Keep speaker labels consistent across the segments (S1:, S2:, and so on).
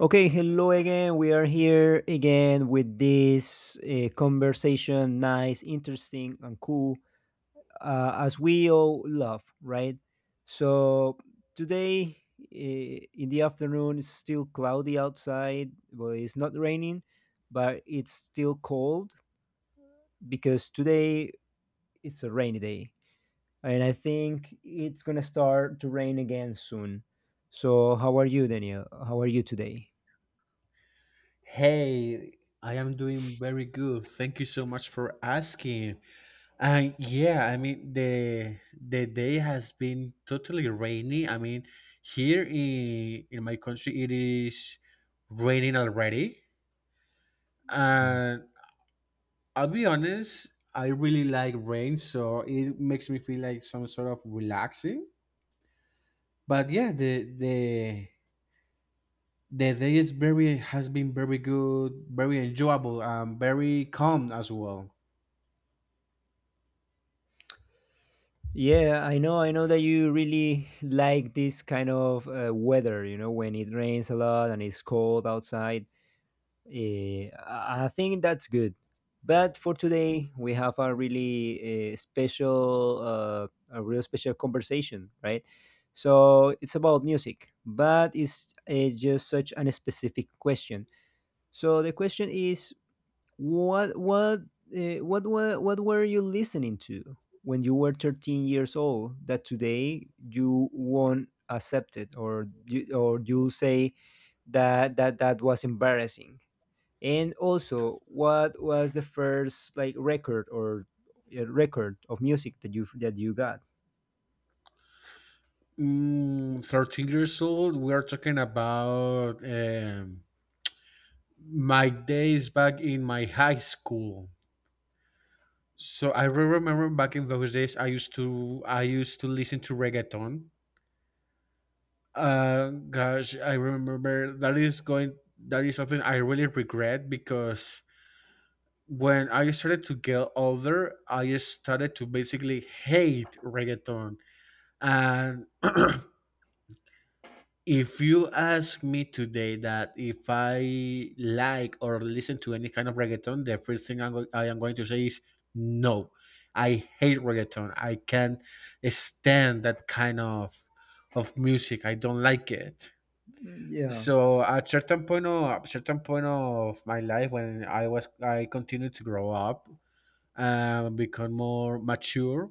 S1: Okay, hello again. We are here again with this conversation. Nice, interesting, and cool, as we all love, right? So today in the afternoon, it's still cloudy outside. Well, it's not raining, but it's still cold because today it's a rainy day, and I think it's gonna start to rain again soon. So, how are you, Daniel? How are you today?
S2: Hey, I am doing very good. Thank you so much for asking. And yeah, I mean the day has been totally rainy. I mean, here in my country it is raining already. And I'll be honest, I really like rain, so it makes me feel like some sort of relaxing. But yeah, the day is very has been very good, very enjoyable, and very calm as well.
S1: Yeah, I know. I know that you really like this kind of weather, you know, when it rains a lot and it's cold outside. I think that's good. But for today, we have a really special, a real special conversation, right? So it's about music, but it's just such an specific question. So the question is what what what were you listening to when you were 13 years old that today you won't accept it, or you say that that was embarrassing? And also, what was the first like record or record of music that you got?
S2: Mm, 13 years old, we are talking about my days back in my high school. So remember back in those days, I used to listen to reggaeton. Gosh, I remember that is something I really regret because when I started to get older, I started to basically hate reggaeton, and if you ask me today that if I like or listen to any kind of reggaeton, the first thing I am going to say is no. I hate reggaeton. I can't stand that of music. I don't like it.
S1: Mm, yeah.
S2: So at certain point of my life, when I was I continued to grow up and become more mature,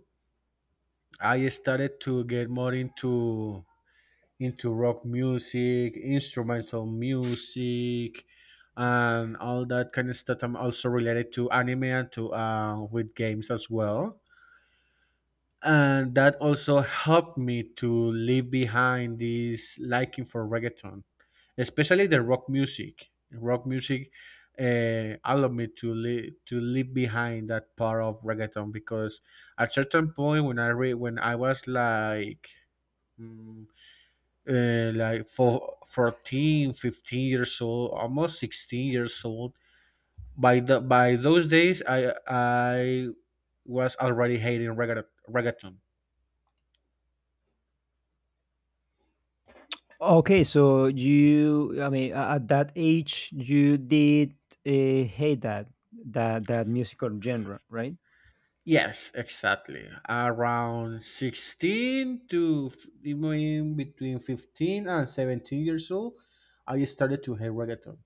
S2: I started to get more into rock music, instrumental music, and all that kind of stuff. I'm also related to anime and to with games as well. And that also helped me to leave behind this liking for reggaeton, especially the rock music. Rock music allowed me to leave behind that part of reggaeton because at certain point when I was like mm, like for 14, 15 years old, almost 16 years old. By the by those days I was already hating reggaeton.
S1: Okay, so you, I mean, at that age, you did hate that musical genre, right?
S2: Yes, exactly, around 16 even between 15 and 17 years old I started to hate reggaeton.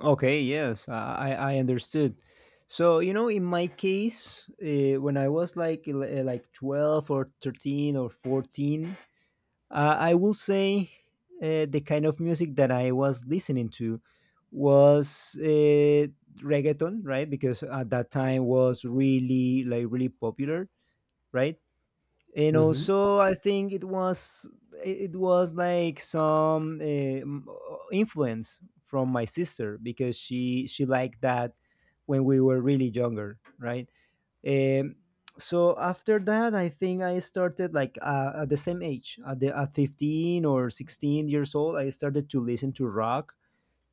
S1: Okay, yes, I understood. So you know, in my case, when I was like like 12 or 13 or 14, I will say the kind of music that I was listening to was reggaeton, right? Because at that time was really like really popular, right? And
S2: Hmm,
S1: also I think it was like some influence from my sister because she liked that when we were really younger, right. Um, so after that I think I started like at the same age at 15 or 16 years old. I started to listen to rock,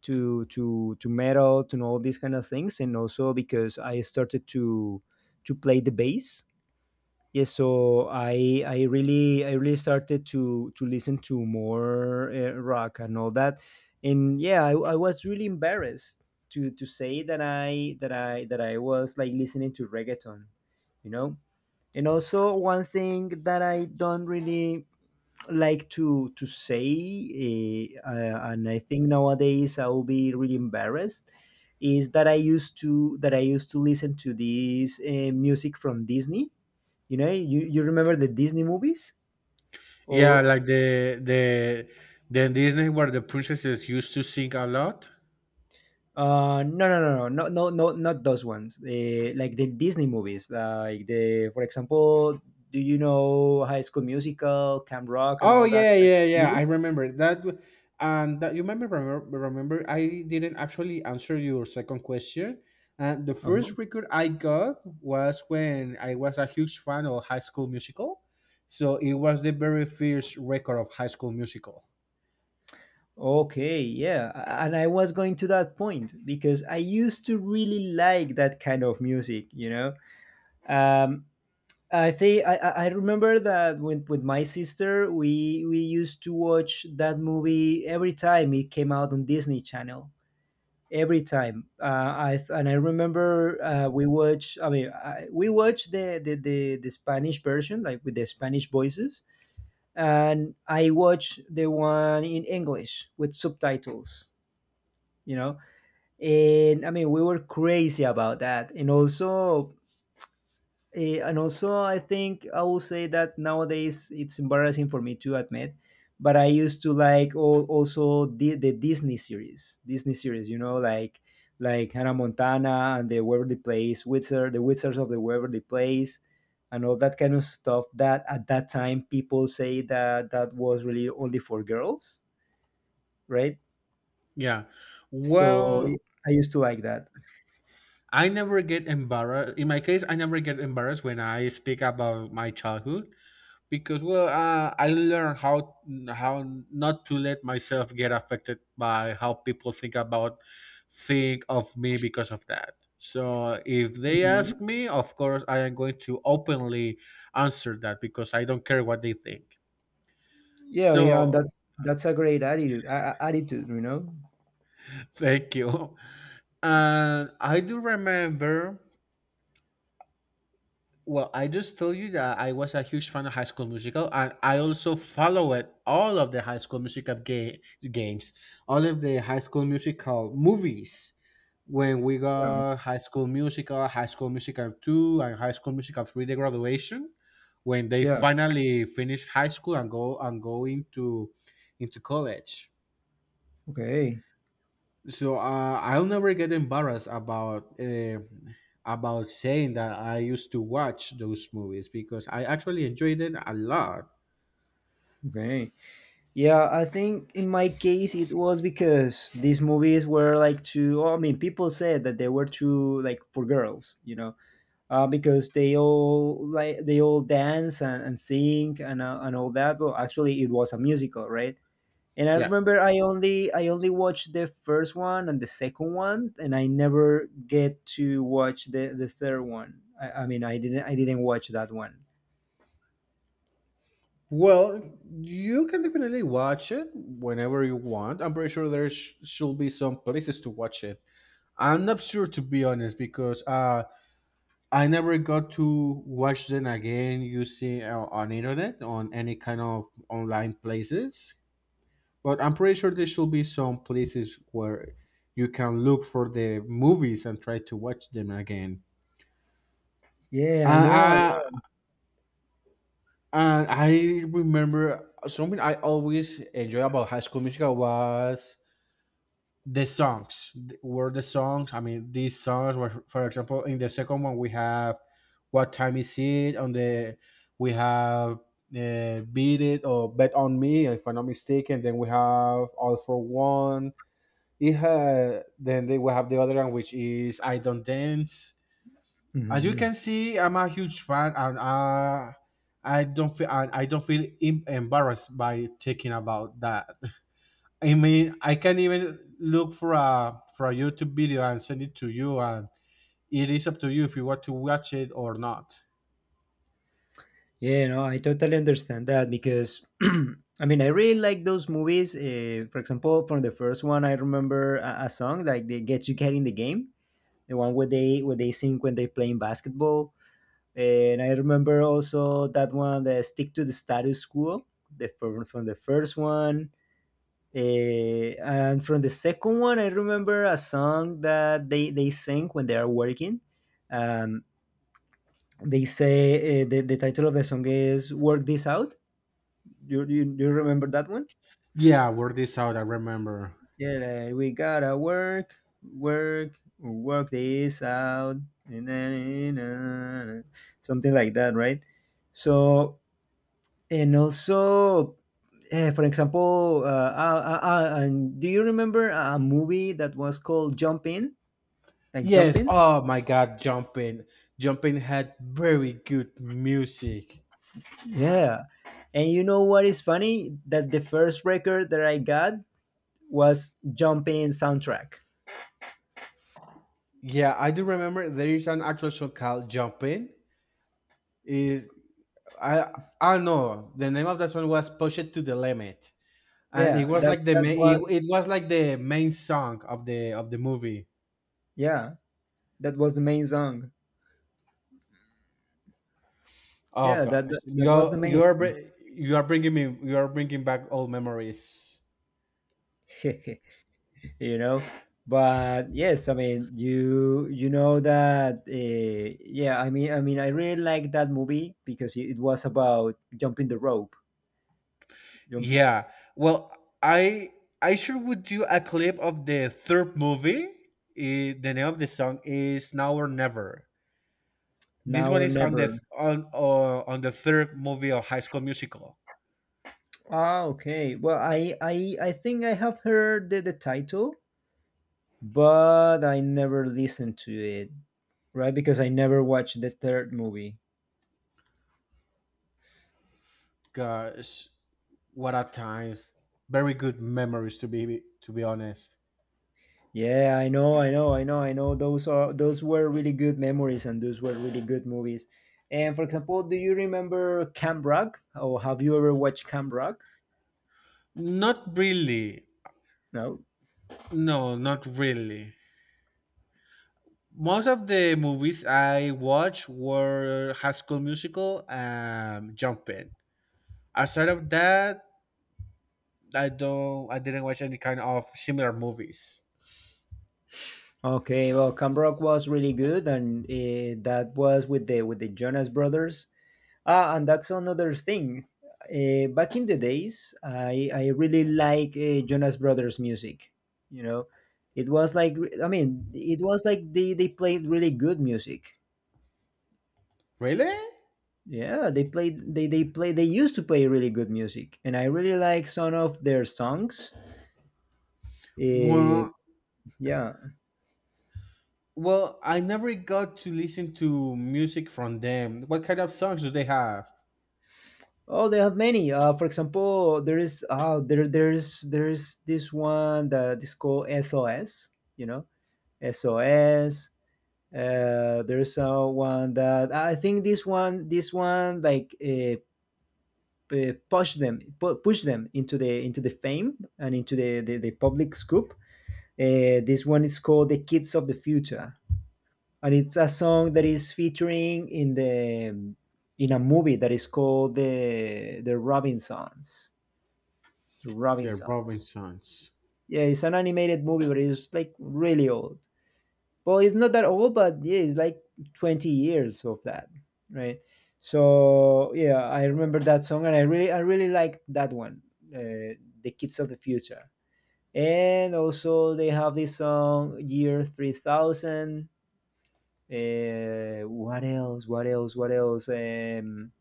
S1: to metal, to all these kind of things, and also because I started to play the bass. Yes, so I really I really started to listen to more rock and all that, and yeah, I was really embarrassed to say that I was like listening to reggaeton, you know, and also one thing that I don't really like to say, and I think nowadays I will be really embarrassed, is that I used to listen to this music from Disney. You know, you remember the Disney movies?
S2: yeah,
S1: Or
S2: like the Disney where the princesses used to sing a lot.
S1: no, no, no, no, no, no, no, not those ones. Like the Disney movies, like for example, do you know High School Musical, Camp Rock, and
S2: Oh
S1: all that?
S2: yeah, yeah, yeah. I
S1: Really?
S2: remember that. And that you remember, I didn't actually answer your second question. And the
S1: Uh-huh.
S2: first record I got was when I was a huge fan of High School Musical, so it was the very first record of High School Musical.
S1: Okay, yeah, and I was going to that point because I used to really like that kind of music, you know. Um, I think I remember that with my sister we used to watch that movie every time it came out on Disney Channel. Every time, I and I remember we watch. I mean, I, we watched the Spanish version, like with the Spanish voices, and I watched the one in English with subtitles. You know, and I mean, we were crazy about that. And also, eh, and also, I think I will say that nowadays it's embarrassing for me to admit, but I used to like also the Disney series, you know, like Hannah Montana and the Waverly Place, the Wizards of the Waverly Place, and all that kind of stuff. That at that time people say that that was really only for girls, right?
S2: Yeah.
S1: So
S2: Well,
S1: I used to like that.
S2: I never get embarrassed. In my case, I never get embarrassed when I speak about my childhood, because well I learned how not to let myself get affected by how people think of me because of that. So if they
S1: Mhm.
S2: ask me, of course I am going to openly answer that, because I don't care what they think.
S1: Yeah, yeah, and
S2: So
S1: that's a great attitude. Attitude, you know.
S2: thank you, and I do remember. Well, I just told you that I was a huge fan of High School Musical, and I also followed all of the High School Musical games, all of the High School Musical movies. When we
S1: Yeah,
S2: got High School Musical, High School Musical 2, and High School Musical 3, the graduation, when they
S1: yeah.
S2: finally finish high school and go into college.
S1: Okay,
S2: So I'll never get embarrassed about saying that I used to watch those movies because I actually enjoyed it a lot.
S1: okay. Yeah, I think in my case it was because these movies were like too. Oh, I mean, people said that they were too like for girls, you know, because they all like they all dance and sing and all that. Well, actually, it was a musical, right? And I
S2: Yeah.
S1: remember I only watched the first one and the second one, and I never get to watch the third one. I mean, I didn't watch that one.
S2: Well, you can definitely watch it whenever you want. I'm pretty sure should be some places to watch it. I'm not sure to be honest because I never got to watch them again using on internet on any kind of online places. But I'm pretty sure there should be some places where you can look for the movies and try to watch them again.
S1: Yeah, I
S2: And
S1: know. I
S2: I, and I remember something I always enjoy about High School Musical was the songs. Were the songs? I mean, these songs were, for example, in the second one we have "What Time Is It?" On the we have "Beat It" or "Bet on Me," if I'm not mistaken. Then we have "All for One." It had, then they will have the other one, which is I don't dance. As you
S1: know.
S2: can see, I'm a huge fan, and I don't feel embarrassed by thinking about that. I mean, I can even look for a YouTube video and send it to you, and it is up to you if you want to watch it or not.
S1: Yeah, no, I totally understand that because I mean, I really like those movies. For example, from the first one, I remember a song like they gets you get in the game, the one where they sing when they playing basketball. And I remember also that one, the stick to the status quo, from the first one. And from the second one, I remember a song that they sing when they are working. Um, they say the title of the song is Work This Out. You do you remember that one?
S2: Yeah, word this out. I remember.
S1: Yeah, like, we gotta work, work, work this out, and then something like that, right? So and also, eh, for example, uh, uh, and do you remember a movie that was called Jump In? Like Jump
S2: Yes.
S1: In?
S2: Oh my God, jumping had very good music.
S1: Yeah. And you know what is funny? That the first record that I got was Jump In soundtrack.
S2: Yeah, I do remember there is an actual song called Jumping. Is I I know the name of that song was "Pushed to the Limit." And it
S1: Yeah,
S2: was
S1: that
S2: like
S1: that was
S2: it was like the main song of the movie.
S1: yeah that was the main song.
S2: Oh
S1: Yeah,
S2: gosh.
S1: that was the main song.
S2: You are bringing back old memories.
S1: You know, but yes, I mean, you know that. Yeah, I mean, I mean, I really like that movie because it was about jumping the rope, jump
S2: Yeah. Well, I I sure would do a clip of the third movie. Eh, the name of the song is Now or Never. This
S1: now
S2: one
S1: or
S2: is
S1: never.
S2: on the third movie of High School Musical.
S1: Ah, okay. Well, I think I have heard the title, but I never listened to it, right? Because I never watched the third movie.
S2: Gosh, what at times. Very good memories to be honest.
S1: Yeah, I know, I know, I know, I know. Those are those were really good memories, and those were really good movies. And for example, do you remember Camp Rock? Or have you ever watched Camp Rock?
S2: Not really.
S1: No.
S2: No, not really. Most of the movies I watched were High School Musical and Jumpin'. Aside of that, I don't. I didn't watch any kind of similar movies.
S1: Okay, well, Camp Rock was really good, and that was with the Jonas Brothers. Ah, and that's another thing. Back in the days, I really like Jonas Brothers music. You know, it was like I mean, it was like they played really good music.
S2: Really?
S1: Yeah, they played they play they used to play really good music, and I really like some of their songs. Eh,
S2: Well,
S1: yeah.
S2: Well, I never got to listen to music from them. What kind of songs do they have?
S1: Oh, they have many. For example, there is there's this one that is called SOS, you know? SOS. There's one that I think this one like p- push them pu- push them into the fame and the public scoop. This one is called the Kids of the Future, and it's a song that is featuring in a movie that is called the Robinsons. The
S2: Their Robin
S1: Robinsons.
S2: songs.
S1: Yeah, it's an animated movie, but it's like really old. Well, it's not that old, but yeah, it's like 20 years of that, right? So yeah, I remember that song, and I really like that one, the Kids of the Future. And also they have this song Year 3000. What else? What else? What else?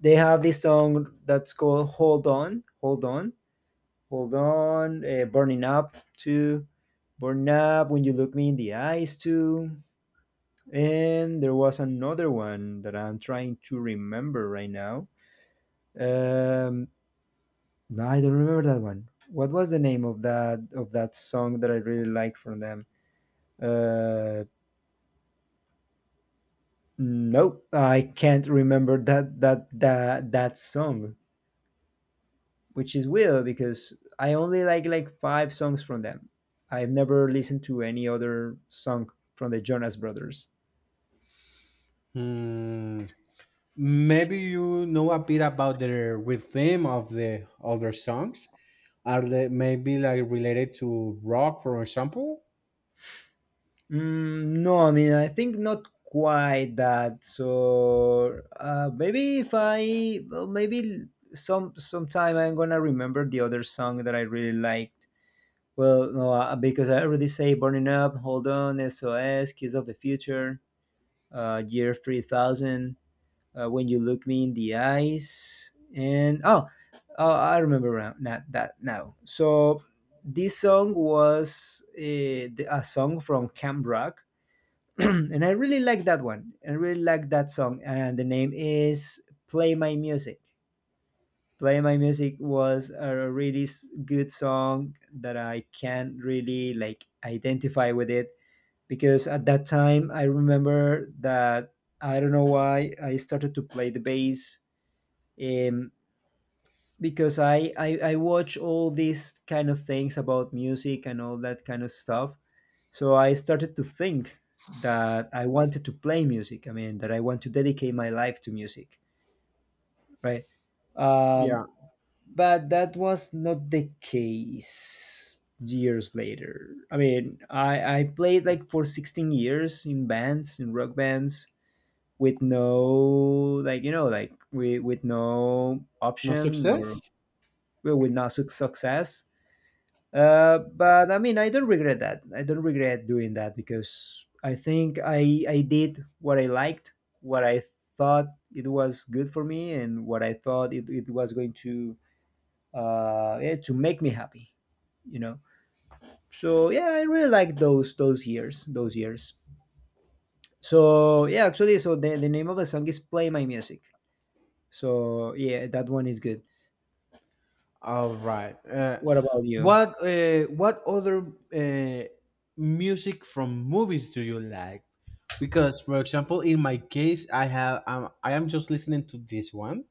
S1: They have this song that's called "Hold On," "Hold On," "Hold On," "Burning Up" too, "Burning Up" when you look me in the eyes too, and there was another one that I'm trying to remember right now. Um, no, I don't remember that one. What was the name of that song that I really like from them? Uh, nope, I can't remember that song. Which is weird because I only like five songs from them. I've never listened to any other song from the Jonas Brothers.
S2: Hmm. Maybe you know a bit about their rhythm of the other songs. Are they maybe like related to rock, for example?
S1: Mm, no, I mean I think not quite that. So maybe if I well, maybe sometime I'm gonna remember the other song that I really liked. Well, no, because I already say "Burning Up," "Hold On," "SOS," "Kiss of the Future," "Year 3000," when you look me in the eyes. And oh, oh I remember now. Not that now. So this song was a song from Camp Rock. And I really like that one. I really like that song, and the name is Play My Music. Play My Music was a really good song that I can really like identify with it because at that time I remember that I don't know why I started to play the bass. Um, because I watch all these kind of things about music and all that kind of stuff. So I started to think that I wanted to play music. I mean, that I want to dedicate my life to music, right?
S2: Yeah.
S1: Um, but that was not the case years later. I mean, I played like for 16 years in bands, in rock bands, with no, with no
S2: No
S1: option or
S2: success.
S1: we will not su- success. But I mean, I don't regret that. I don't regret doing that because I think I did what I liked, what I thought it was good for me, and what I thought it was going to yeah, to make me happy. You know. So yeah, I really like those years, those years. The name of the song is "Play My Music." So yeah, that one is good.
S2: All right.
S1: What about you?
S2: What other music from movies do you like? Because, for example, in my case, I have I am just listening to this one,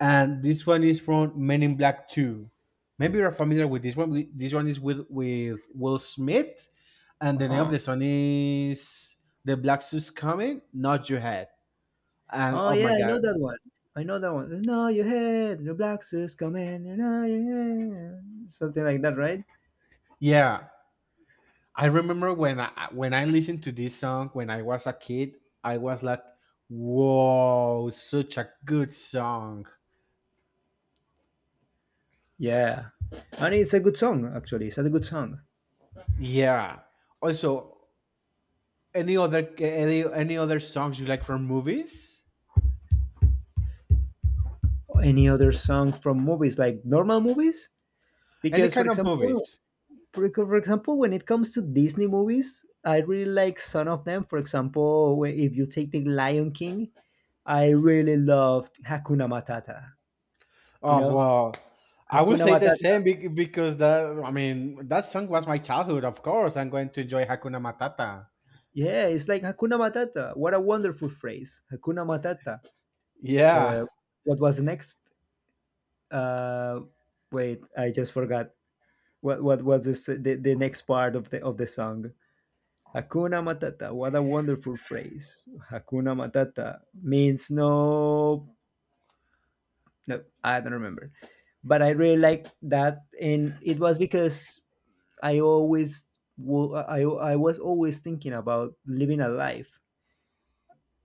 S2: and this one is from Men in Black Two. Maybe you're familiar with this one. This one is with Will Smith, and
S1: Uh
S2: the name of
S1: huh.
S2: the song is "The Black Suit's Coming, Not Your Head." And
S1: Oh
S2: oh
S1: yeah,
S2: my
S1: I know
S2: god,
S1: that one. I know that one. No, your head, the black sis come in. You know your head, something like that, right?
S2: yeah, I remember when I listened to this song when I was a kid, I was like, "Whoa, such a good song!"
S1: Yeah, and it's a good song actually. It's a good song.
S2: Yeah. Also, any other any other songs you like from movies?
S1: Any other song from movies like normal movies?
S2: Any
S1: Because for
S2: kind of
S1: example,
S2: movies?
S1: For example, when it comes to Disney movies, I really like some of them. For example, if you take the Lion King, I really loved Hakuna Matata. You
S2: Oh
S1: know,
S2: well, I will
S1: Hakuna
S2: say the
S1: Matata.
S2: same because that I mean that song was my childhood. Of course, I'm going to enjoy Hakuna Matata.
S1: Yeah, it's like Hakuna Matata. What a wonderful phrase, Hakuna Matata.
S2: Yeah,
S1: Uh, what was next? Uh, Wait, I just forgot. What was this, the next part of the song? Hakuna Matata. What a wonderful phrase. Hakuna Matata means no. No, I don't remember. But I really like that, and it was because I always I was always thinking about living a life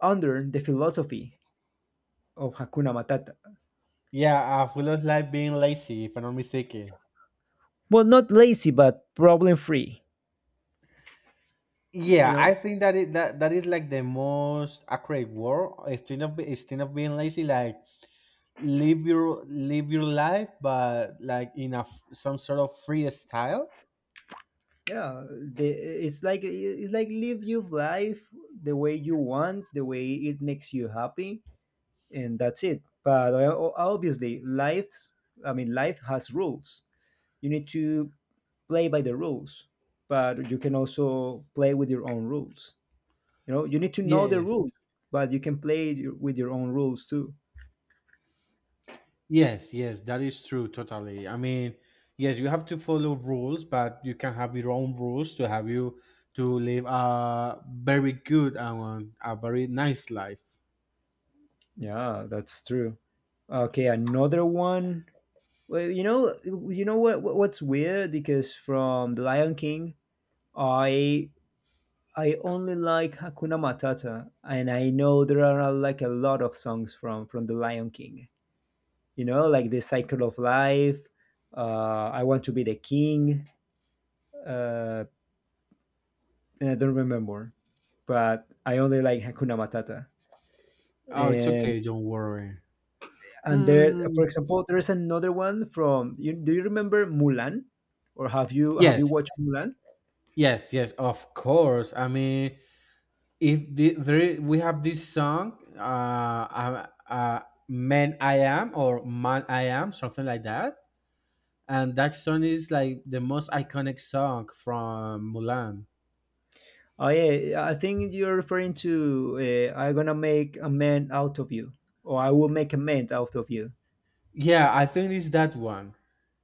S1: under the philosophy of Hakuna Matata.
S2: yeah. Full of life being lazy, if I'm not mistaken.
S1: Well, not lazy, but problem free. You
S2: Yeah, I
S1: know,
S2: think that that is like the most accurate word. Instead of being lazy, like live your life, but like in a some sort of free style.
S1: yeah, it's like live your life the way you want, the way it makes you happy, and that's it. But obviously, life has rules. You need to play by the rules, but you can also play with your own rules. You know, you need to know the
S2: Yes,
S1: rules, but you can with your own rules too.
S2: yes, yes. That is true. Totally. I mean, yes, you have to follow rules, but you can have your own rules to have you to live a very good and a very nice life.
S1: Yeah, that's true. Okay, another one. Well, you know, what's weird because from The Lion King, I I only like Hakuna Matata, and I know there are like a lot of songs from The Lion King. You know, like the cycle of life, I want to be the king, uh, and I don't remember, but I only like Hakuna Matata.
S2: Oh, it's
S1: And
S2: okay. Don't worry.
S1: and there,
S2: Hmm.
S1: for example, there is another one from. You, do you remember Mulan, or have you
S2: Yes,
S1: watched Mulan?
S2: yes, yes, of course. I mean, if the, there, we have this song man I am or man I am something like that, and that song is like the most iconic song from Mulan.
S1: Oh yeah, I think you're referring to "I'm gonna make a man out of you," or "I will make a man out of you."
S2: Yeah, I think it's that one.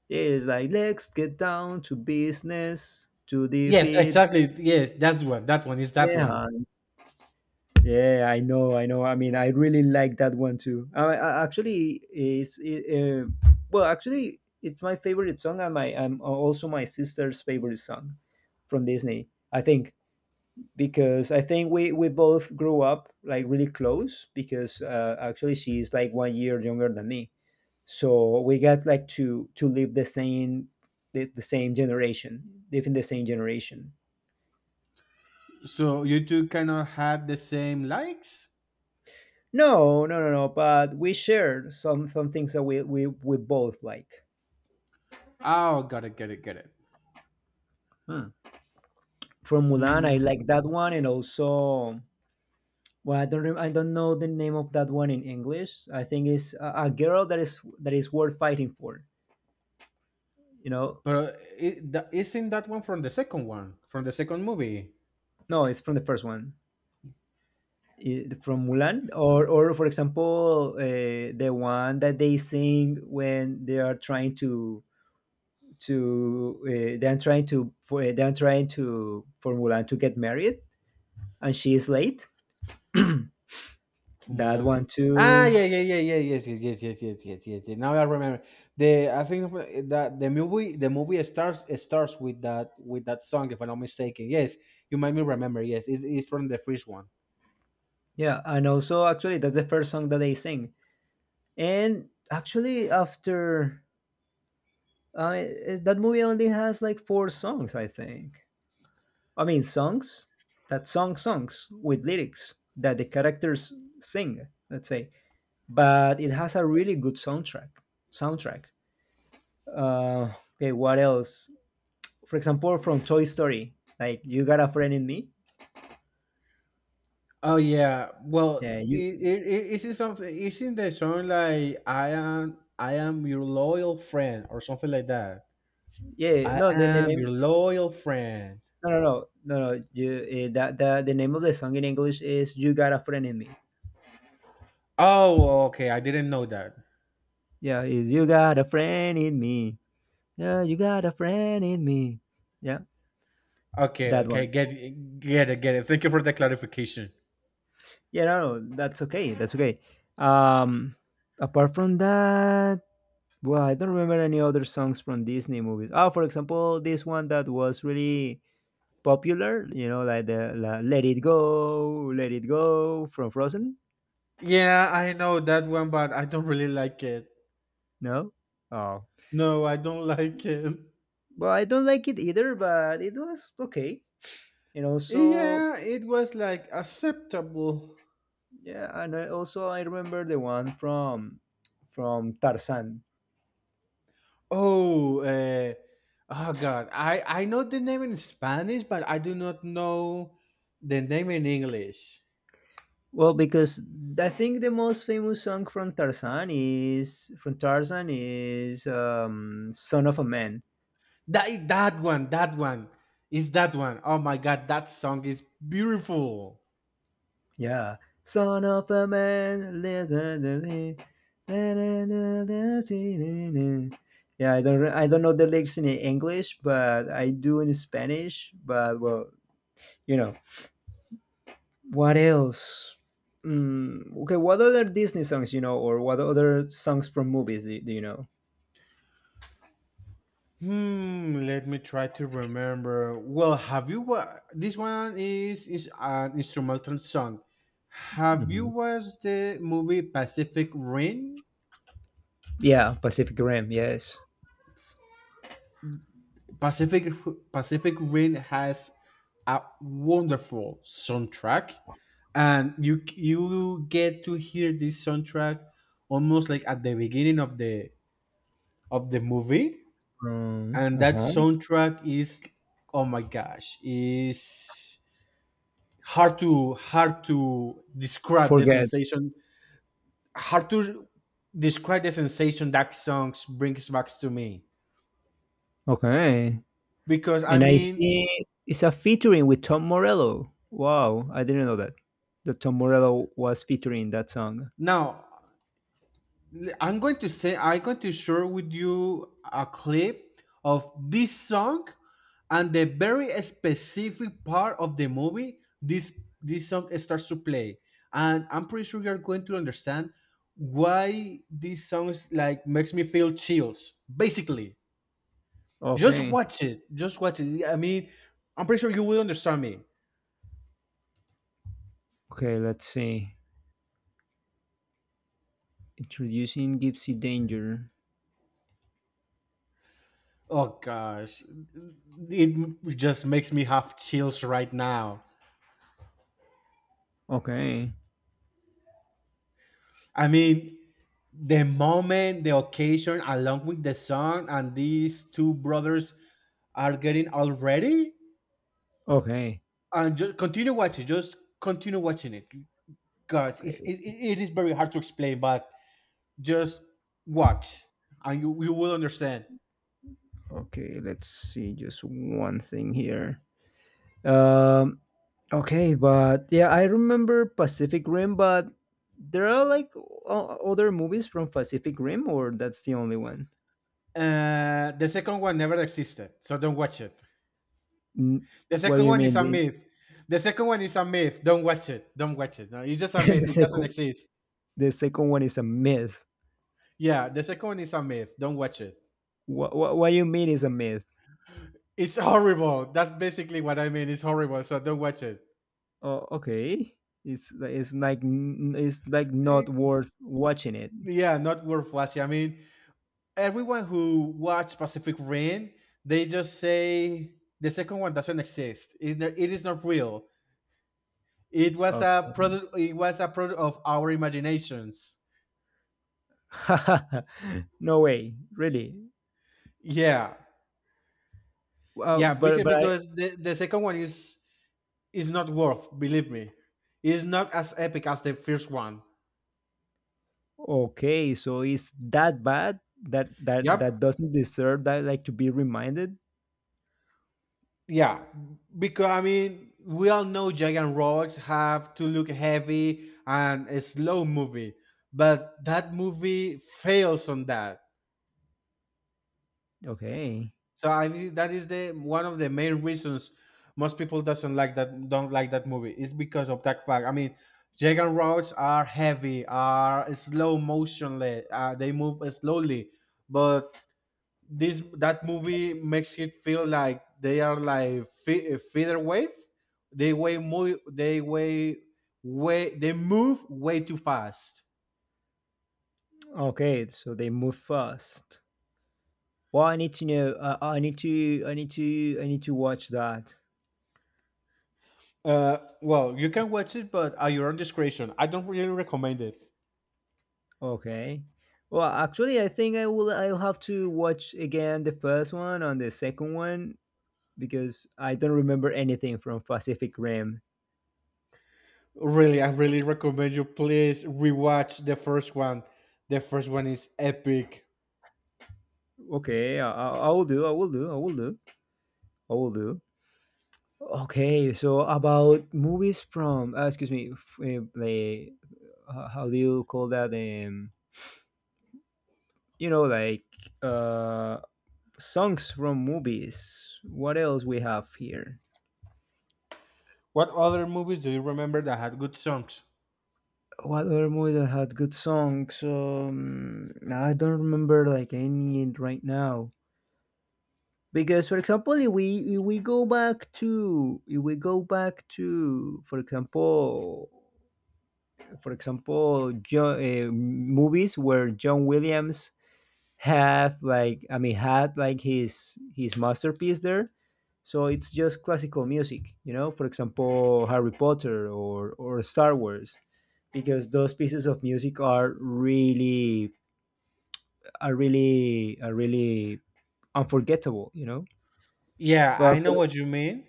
S1: Yeah, it's like let's get down to business to
S2: Yes,
S1: defeat
S2: exactly, yes, that one is
S1: the
S2: that one.
S1: Hun." Yeah, I know, I know. I mean, I really like that one too. I actually it's it, well, Actually, it's my favorite song and my and also my sister's favorite song from Disney. I think because I think we both grew up like really close because actually she's like one year younger than me, so we got like to live the same the same generation, live in the same generation.
S2: So you two kind of had the same likes.
S1: No, no, no, no. But we shared some things that we both like.
S2: Oh, got it.
S1: Hmm. From Mulan, I
S2: Hmm.
S1: like that one, and also well, I don't know the name of that one in English. I think it's a girl that is worth fighting for. You know,
S2: But isn't that one from the second movie?
S1: no, it's from the first one. From Mulan, or for example, the one that they sing when they are trying to they're trying to for they're trying to for Mulan to get married, and she is late. That
S2: Formula.
S1: one
S2: Ah,
S1: too,
S2: yeah, yeah, yeah, yeah, yes, yes, yes, yes, yes, yes, yes, yes. Now I remember. The I think of that The movie starts with that song, if I'm not mistaken. Yes, you made me remember. Yes, it, it's from the first one.
S1: yeah. And also, actually, that's the first song that they sing. And actually, after uh, that movie only has like four songs, I think. I mean, songs with lyrics that the characters sing. Let's say but it has a really good soundtrack. Soundtrack. Okay, what else? For example, from Toy Story, like you got a friend in me.
S2: Oh yeah.
S1: Yeah,
S2: Well,
S1: you.
S2: is isn't something? Isn't the song like I am your loyal friend" or something like that?
S1: Yeah,
S2: I
S1: the
S2: am your
S1: name.
S2: loyal friend.
S1: No, no, no, no, no. You that The name of the song in English is "You Got a Friend in Me."
S2: Oh, okay. I didn't know that.
S1: Yeah, is "You Got a Friend in Me." Yeah, you got a friend in me. Yeah,
S2: Okay,
S1: that
S2: okay.
S1: one.
S2: Get it, get it. Thank you for the clarification.
S1: Yeah, no, no, that's okay. That's okay. Um, apart from that, well, I don't remember any other songs from Disney movies. Oh, for example, this one that was really popular, you know, Let It Go, Let It Go from Frozen.
S2: Yeah, I know that one, but I don't really like it.
S1: No? Oh.
S2: No, I don't like it.
S1: Well, I don't like it either, but it was okay. And also,
S2: Yeah, it was like acceptable.
S1: yeah, also I remember the one from Tarzan.
S2: Oh, oh God, I know the name in Spanish, but I do not know the name in English.
S1: Well, because I think the most famous song from Tarzan is "Son of a Man."
S2: That one is that one. Oh my God, that song is beautiful.
S1: Yeah. Son of a man, live under me. Na, na, si, yeah, I don't know the lyrics in English, but I do in Spanish. But well, you know what else? Okay, what other Disney songs you know, or what other songs from movies do, do you know?
S2: Hmm, let me try to remember. Well, this one is an instrumental song. Have you
S1: Mhm.
S2: watched the movie Pacific Rim?
S1: Yeah, Pacific Rim. Yes.
S2: Pacific Pacific Rim has a wonderful soundtrack, and you get to hear this soundtrack almost like at the beginning of the movie. And
S1: Uh
S2: that
S1: huh.
S2: soundtrack is, oh my gosh, is hard to describe the
S1: Forget.
S2: sensation, hard to describe the sensation that songs brings back to me.
S1: Okay.
S2: Because I
S1: And I
S2: mean,
S1: see it's a featuring with Tom Morello. Wow, I didn't know that. That Tom Morello was featuring that song.
S2: now, I'm going to share with you a clip of this song, and the very specific part of the movie this song starts to play, and I'm pretty sure you're going to understand why these songs like makes me feel chills basically. Just
S1: Okay.
S2: watch it. Just watch it. I mean, I'm pretty sure you will understand me.
S1: Okay, let's see. Introducing Gypsy Danger.
S2: Oh gosh, it just makes me have chills right now.
S1: Okay.
S2: I mean, the moment, the occasion, along with the song, and these two brothers are getting already.
S1: Okay.
S2: And just continue watching. Just continue watching it. Gosh, it's,
S1: Okay.
S2: it is very hard to explain, but just watch, and you will understand.
S1: Okay, let's see just one thing here. Um okay, but yeah, I remember Pacific Rim, but there are like other movies from Pacific Rim or that's the only one?
S2: The second one never existed, so don't watch it.
S1: N-
S2: The
S1: What do
S2: second
S1: you
S2: one is
S1: mean?
S2: a myth. The second one is a myth. Don't watch it. Don't watch it. No, it's just a
S1: The
S2: myth. It doesn't
S1: sequel
S2: exist.
S1: the second one is a myth.
S2: Yeah, the second one is a myth. Don't watch it.
S1: What you mean is a myth?
S2: It's horrible. That's basically what I mean. It's horrible. So don't watch it.
S1: Oh, okay. It's it's like
S2: Eh,
S1: not worth watching it.
S2: yeah, not worth watching. I mean, everyone who watched Pacific Rain, they just say the second one doesn't exist. No, it is not real. It was a
S1: Okay.
S2: product. It was a product of our imaginations.
S1: no way, really.
S2: Yeah, yeah.
S1: But
S2: Basically,
S1: I
S2: because the second one is, it's not worth, believe me. It's not as epic as the first one.
S1: okay. So it's that bad that that
S2: Yep.
S1: doesn't deserve that like to be reminded.
S2: Yeah. Because I mean, we all know giant robots have to look heavy and a slow movie, but that movie fails on that.
S1: Okay.
S2: So I mean, that is the one of the main reasons most people doesn't like that don't like that movie is because of that fact. I mean, giant robots are heavy, are slow motionless, they move slowly, but this that movie makes it feel like they are like featherweight. They weigh move. They weigh way. They move way too fast.
S1: Okay, so they move fast. Well, I need to know. I need to. I need to. I need to watch that.
S2: Well, you can watch it, but at your own discretion. I don't really recommend it.
S1: Okay. Well, actually, I think I will. I'll have to watch again the first one and the second one because I don't remember anything from Pacific Rim.
S2: Really, I really recommend you please rewatch the first one. The first one is epic.
S1: Okay, I will do. I will do. I will do. I will do. Okay, so about movies from excuse me, like how do you call that? You know, like uh, songs from movies. What else we have here?
S2: What other movies do you remember that had good songs?
S1: What other movie that had good songs? I don't remember like any right now. Because for example, if we go back to if we go back to for example John, movies where John Williams have like I mean had like his masterpiece there, so it's just classical music, you know. For example, Harry Potter or Star Wars because those pieces of music are really are really unforgettable, you know.
S2: Yeah,
S1: But
S2: I know
S1: for,
S2: what you mean.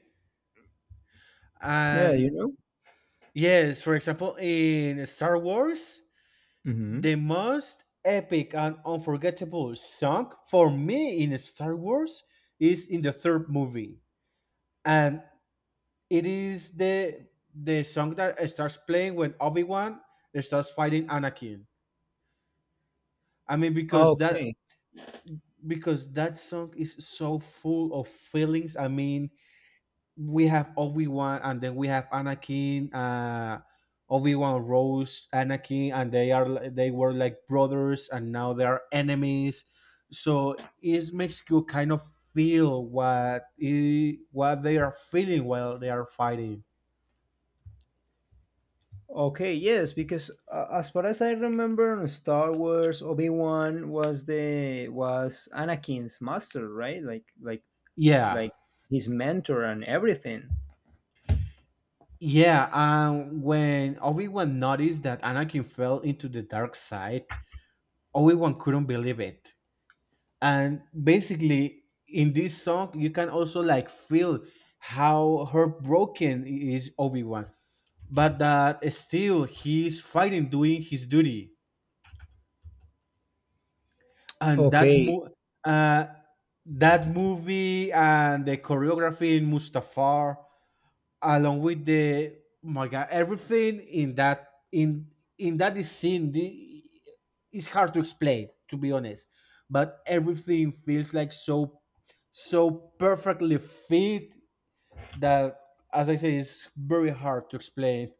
S1: yeah you
S2: And
S1: know
S2: yes, for example, in Star Wars,
S1: hmm
S2: the most epic and unforgettable song for me in Star Wars is in the third movie, and it is the song that starts playing when Obi Wan starts fighting Anakin. I mean, because that,
S1: okay
S2: because that song is so full of feelings. I mean, we have Obi Wan, and then we have Anakin. Obi Wan Rose, Anakin, and they were like brothers, and now they are enemies. So it makes you kind of feel what they are feeling while they are fighting.
S1: okay Yes, because as far as I remember in Star Wars, Obi-Wan was the was Anakin's master, right, like
S2: Yeah,
S1: like his mentor and everything.
S2: yeah. When Obi Wan noticed that Anakin fell into the dark side, Obi Wan couldn't believe it. And basically, in this song you can also like feel how heartbroken is Obi-Wan, but that still he's fighting, doing his duty. and that
S1: Okay.
S2: mo- uh, that movie and the choreography in Mustafar along with the, oh my god, everything in that is scene, it's hard to explain, to be honest, but everything feels like so, so perfectly fit that, as I say, it's very hard to explain.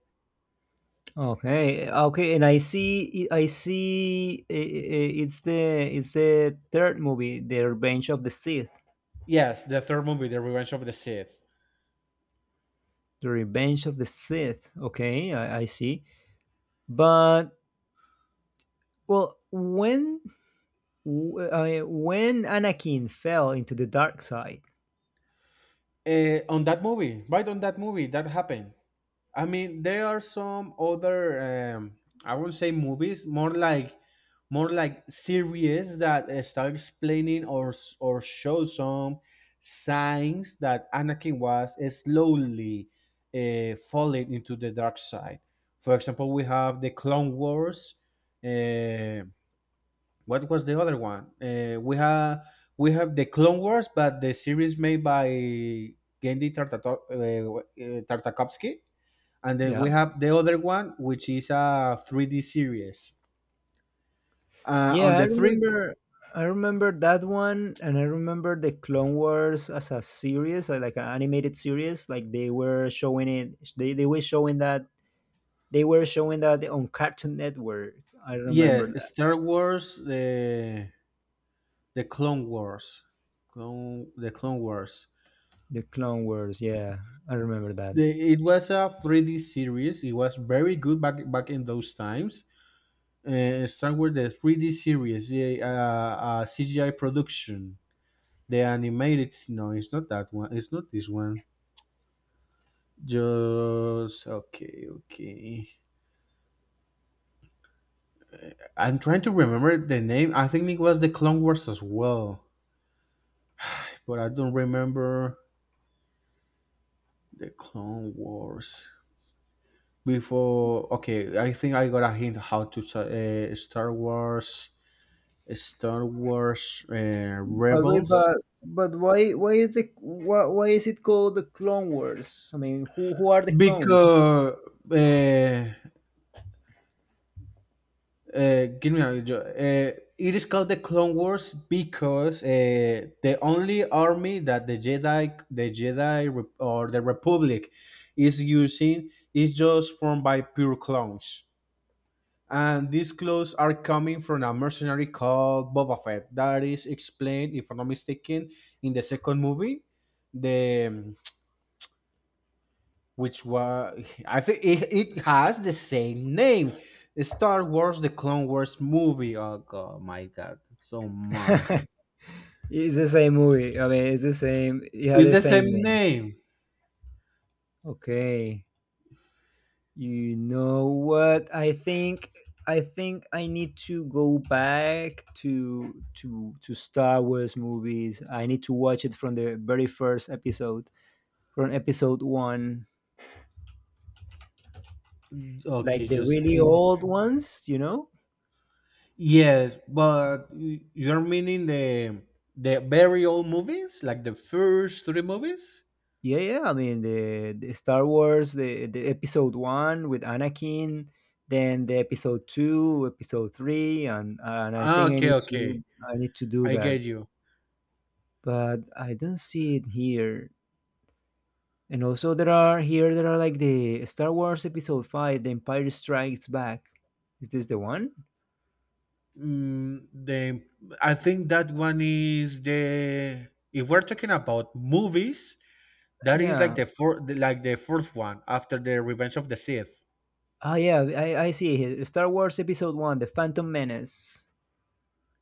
S1: Okay. Okay. And I see. I see. It's the third movie, The Revenge of the Sith.
S2: Yes, the third movie, the Revenge of the Sith.
S1: The Revenge of the Sith. Okay, I see. But well, when Anakin fell into the dark side,
S2: On that movie that happened. I mean, there are some other, um, I won't say movies, more like series that start explaining or show some signs that Anakin was slowly, falling into the dark side. For example, we have the Clone Wars. Uh, what was the other one? We have the Clone Wars, but the series made by Genndy Tartakovsky, and then we
S1: yeah,
S2: have the other one, which is a 3D series on
S1: yeah, I
S2: the three
S1: remember. I remember that one, and I remember the Clone Wars as a series, like an animated series. Like they were showing that on Cartoon Network. I remember
S2: yes,
S1: that
S2: Star Wars, the Clone Wars, the Clone Wars.
S1: the Clone Wars. Yeah, I remember that.
S2: The, it was a 3D series. It was very good back in those times. Star Wars, the 3D series, the, CGI production, the animated. No, it's not that one, it's not this one. Just, okay, okay. I'm trying to remember the name. I think it was the Clone Wars as well, but I don't remember, the Clone Wars. Before, okay, I think I got a hint how to, Star Wars, Star Wars,
S1: But wait,
S2: Rebels.
S1: but why why is it called the Clone Wars? I mean, who are the clones?
S2: Because uh, give me a. jo- it is called the Clone Wars because the only army that the Jedi or the Republic is using is just formed by pure clones, and these clones are coming from a mercenary called Boba Fett. That is explained, if I'm not mistaken, in the second movie. The Which was, I think it, it has the same name, Star Wars: The Clone Wars movie. Oh god, my god, so much.
S1: It's the same movie. I mean, it's the same. It had
S2: It's
S1: the
S2: the
S1: same
S2: same
S1: name.
S2: name.
S1: Okay. You know what? I think I need to go back to Star Wars movies. I need to watch it from the very first episode, from episode one, like
S2: Okay,
S1: the
S2: just
S1: really
S2: kidding.
S1: old ones. You know.
S2: Yes, but you're meaning the very old movies, like the first three movies.
S1: Yeah, yeah. I mean, the Star Wars, the episode one with Anakin, then the episode two, episode three, and I
S2: Ah,
S1: think
S2: okay, okay,
S1: I need to do
S2: I
S1: that,
S2: get you.
S1: but I don't see it here. And also, there are like the Star Wars episode five, The Empire Strikes Back. Is this the one?
S2: Mm, the I think that one is the, if we're talking about movies, that is
S1: Yeah.
S2: like the fourth one after the Revenge of the Sith.
S1: Ah, yeah. I see it here. Star Wars episode one, The Phantom Menace.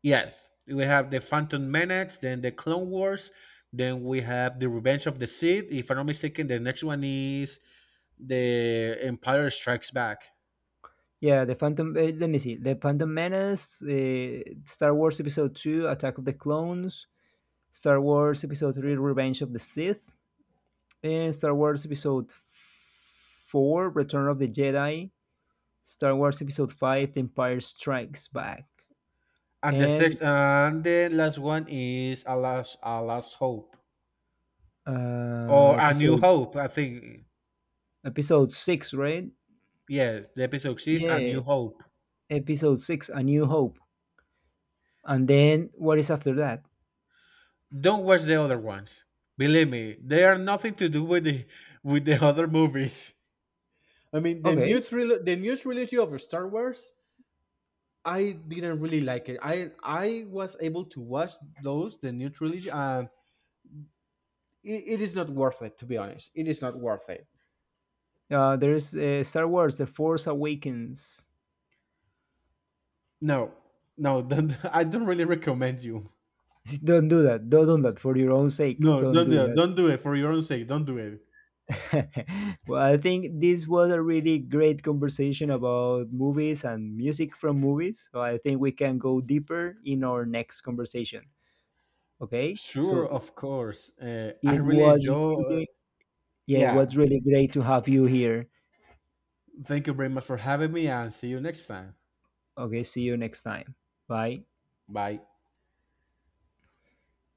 S2: Yes, we have the Phantom Menace, then the Clone Wars, then we have the Revenge of the Sith. If I'm not mistaken, the next one is the Empire Strikes Back,
S1: Yeah, the Phantom. Let me see. The Phantom Menace, Star Wars Episode Two, Attack of the Clones, Star Wars Episode Three, Revenge of the Sith, and Star Wars Episode Four, Return of the Jedi, Star Wars Episode Five, The Empire Strikes Back,
S2: and the
S1: and
S2: sixth and the last one is a last hope,
S1: uh,
S2: or a New
S1: episode
S2: Hope. I think,
S1: episode six, right?
S2: yes, the episode six, a
S1: Yeah,
S2: New Hope.
S1: episode six, A New Hope, and then what is after that?
S2: Don't watch the other ones. Believe me, they are nothing to do with the, with the other movies. I mean,
S1: Okay,
S2: the new trilogy of Star Wars, I didn't really like it. I was able to watch those the new trilogy, and it is not worth it. To be honest, it is not worth it.
S1: there's Star Wars: The Force Awakens.
S2: No, no, don't, I don't really recommend you.
S1: Don't do that. Don't do that for your own sake.
S2: No,
S1: Don't
S2: don't do
S1: do
S2: it.
S1: that.
S2: Don't do it for your own sake. Don't do it.
S1: well, I think this was a really great conversation about movies and music from movies. So I think we can go deeper in our next conversation. Okay.
S2: Sure,
S1: So
S2: of course. I
S1: it
S2: really
S1: was
S2: enjoy.
S1: really, yeah, it
S2: Yeah,
S1: was really great to have you here.
S2: thank you very much for having me, and see you next time.
S1: Okay. See you next time. Bye.
S2: Bye.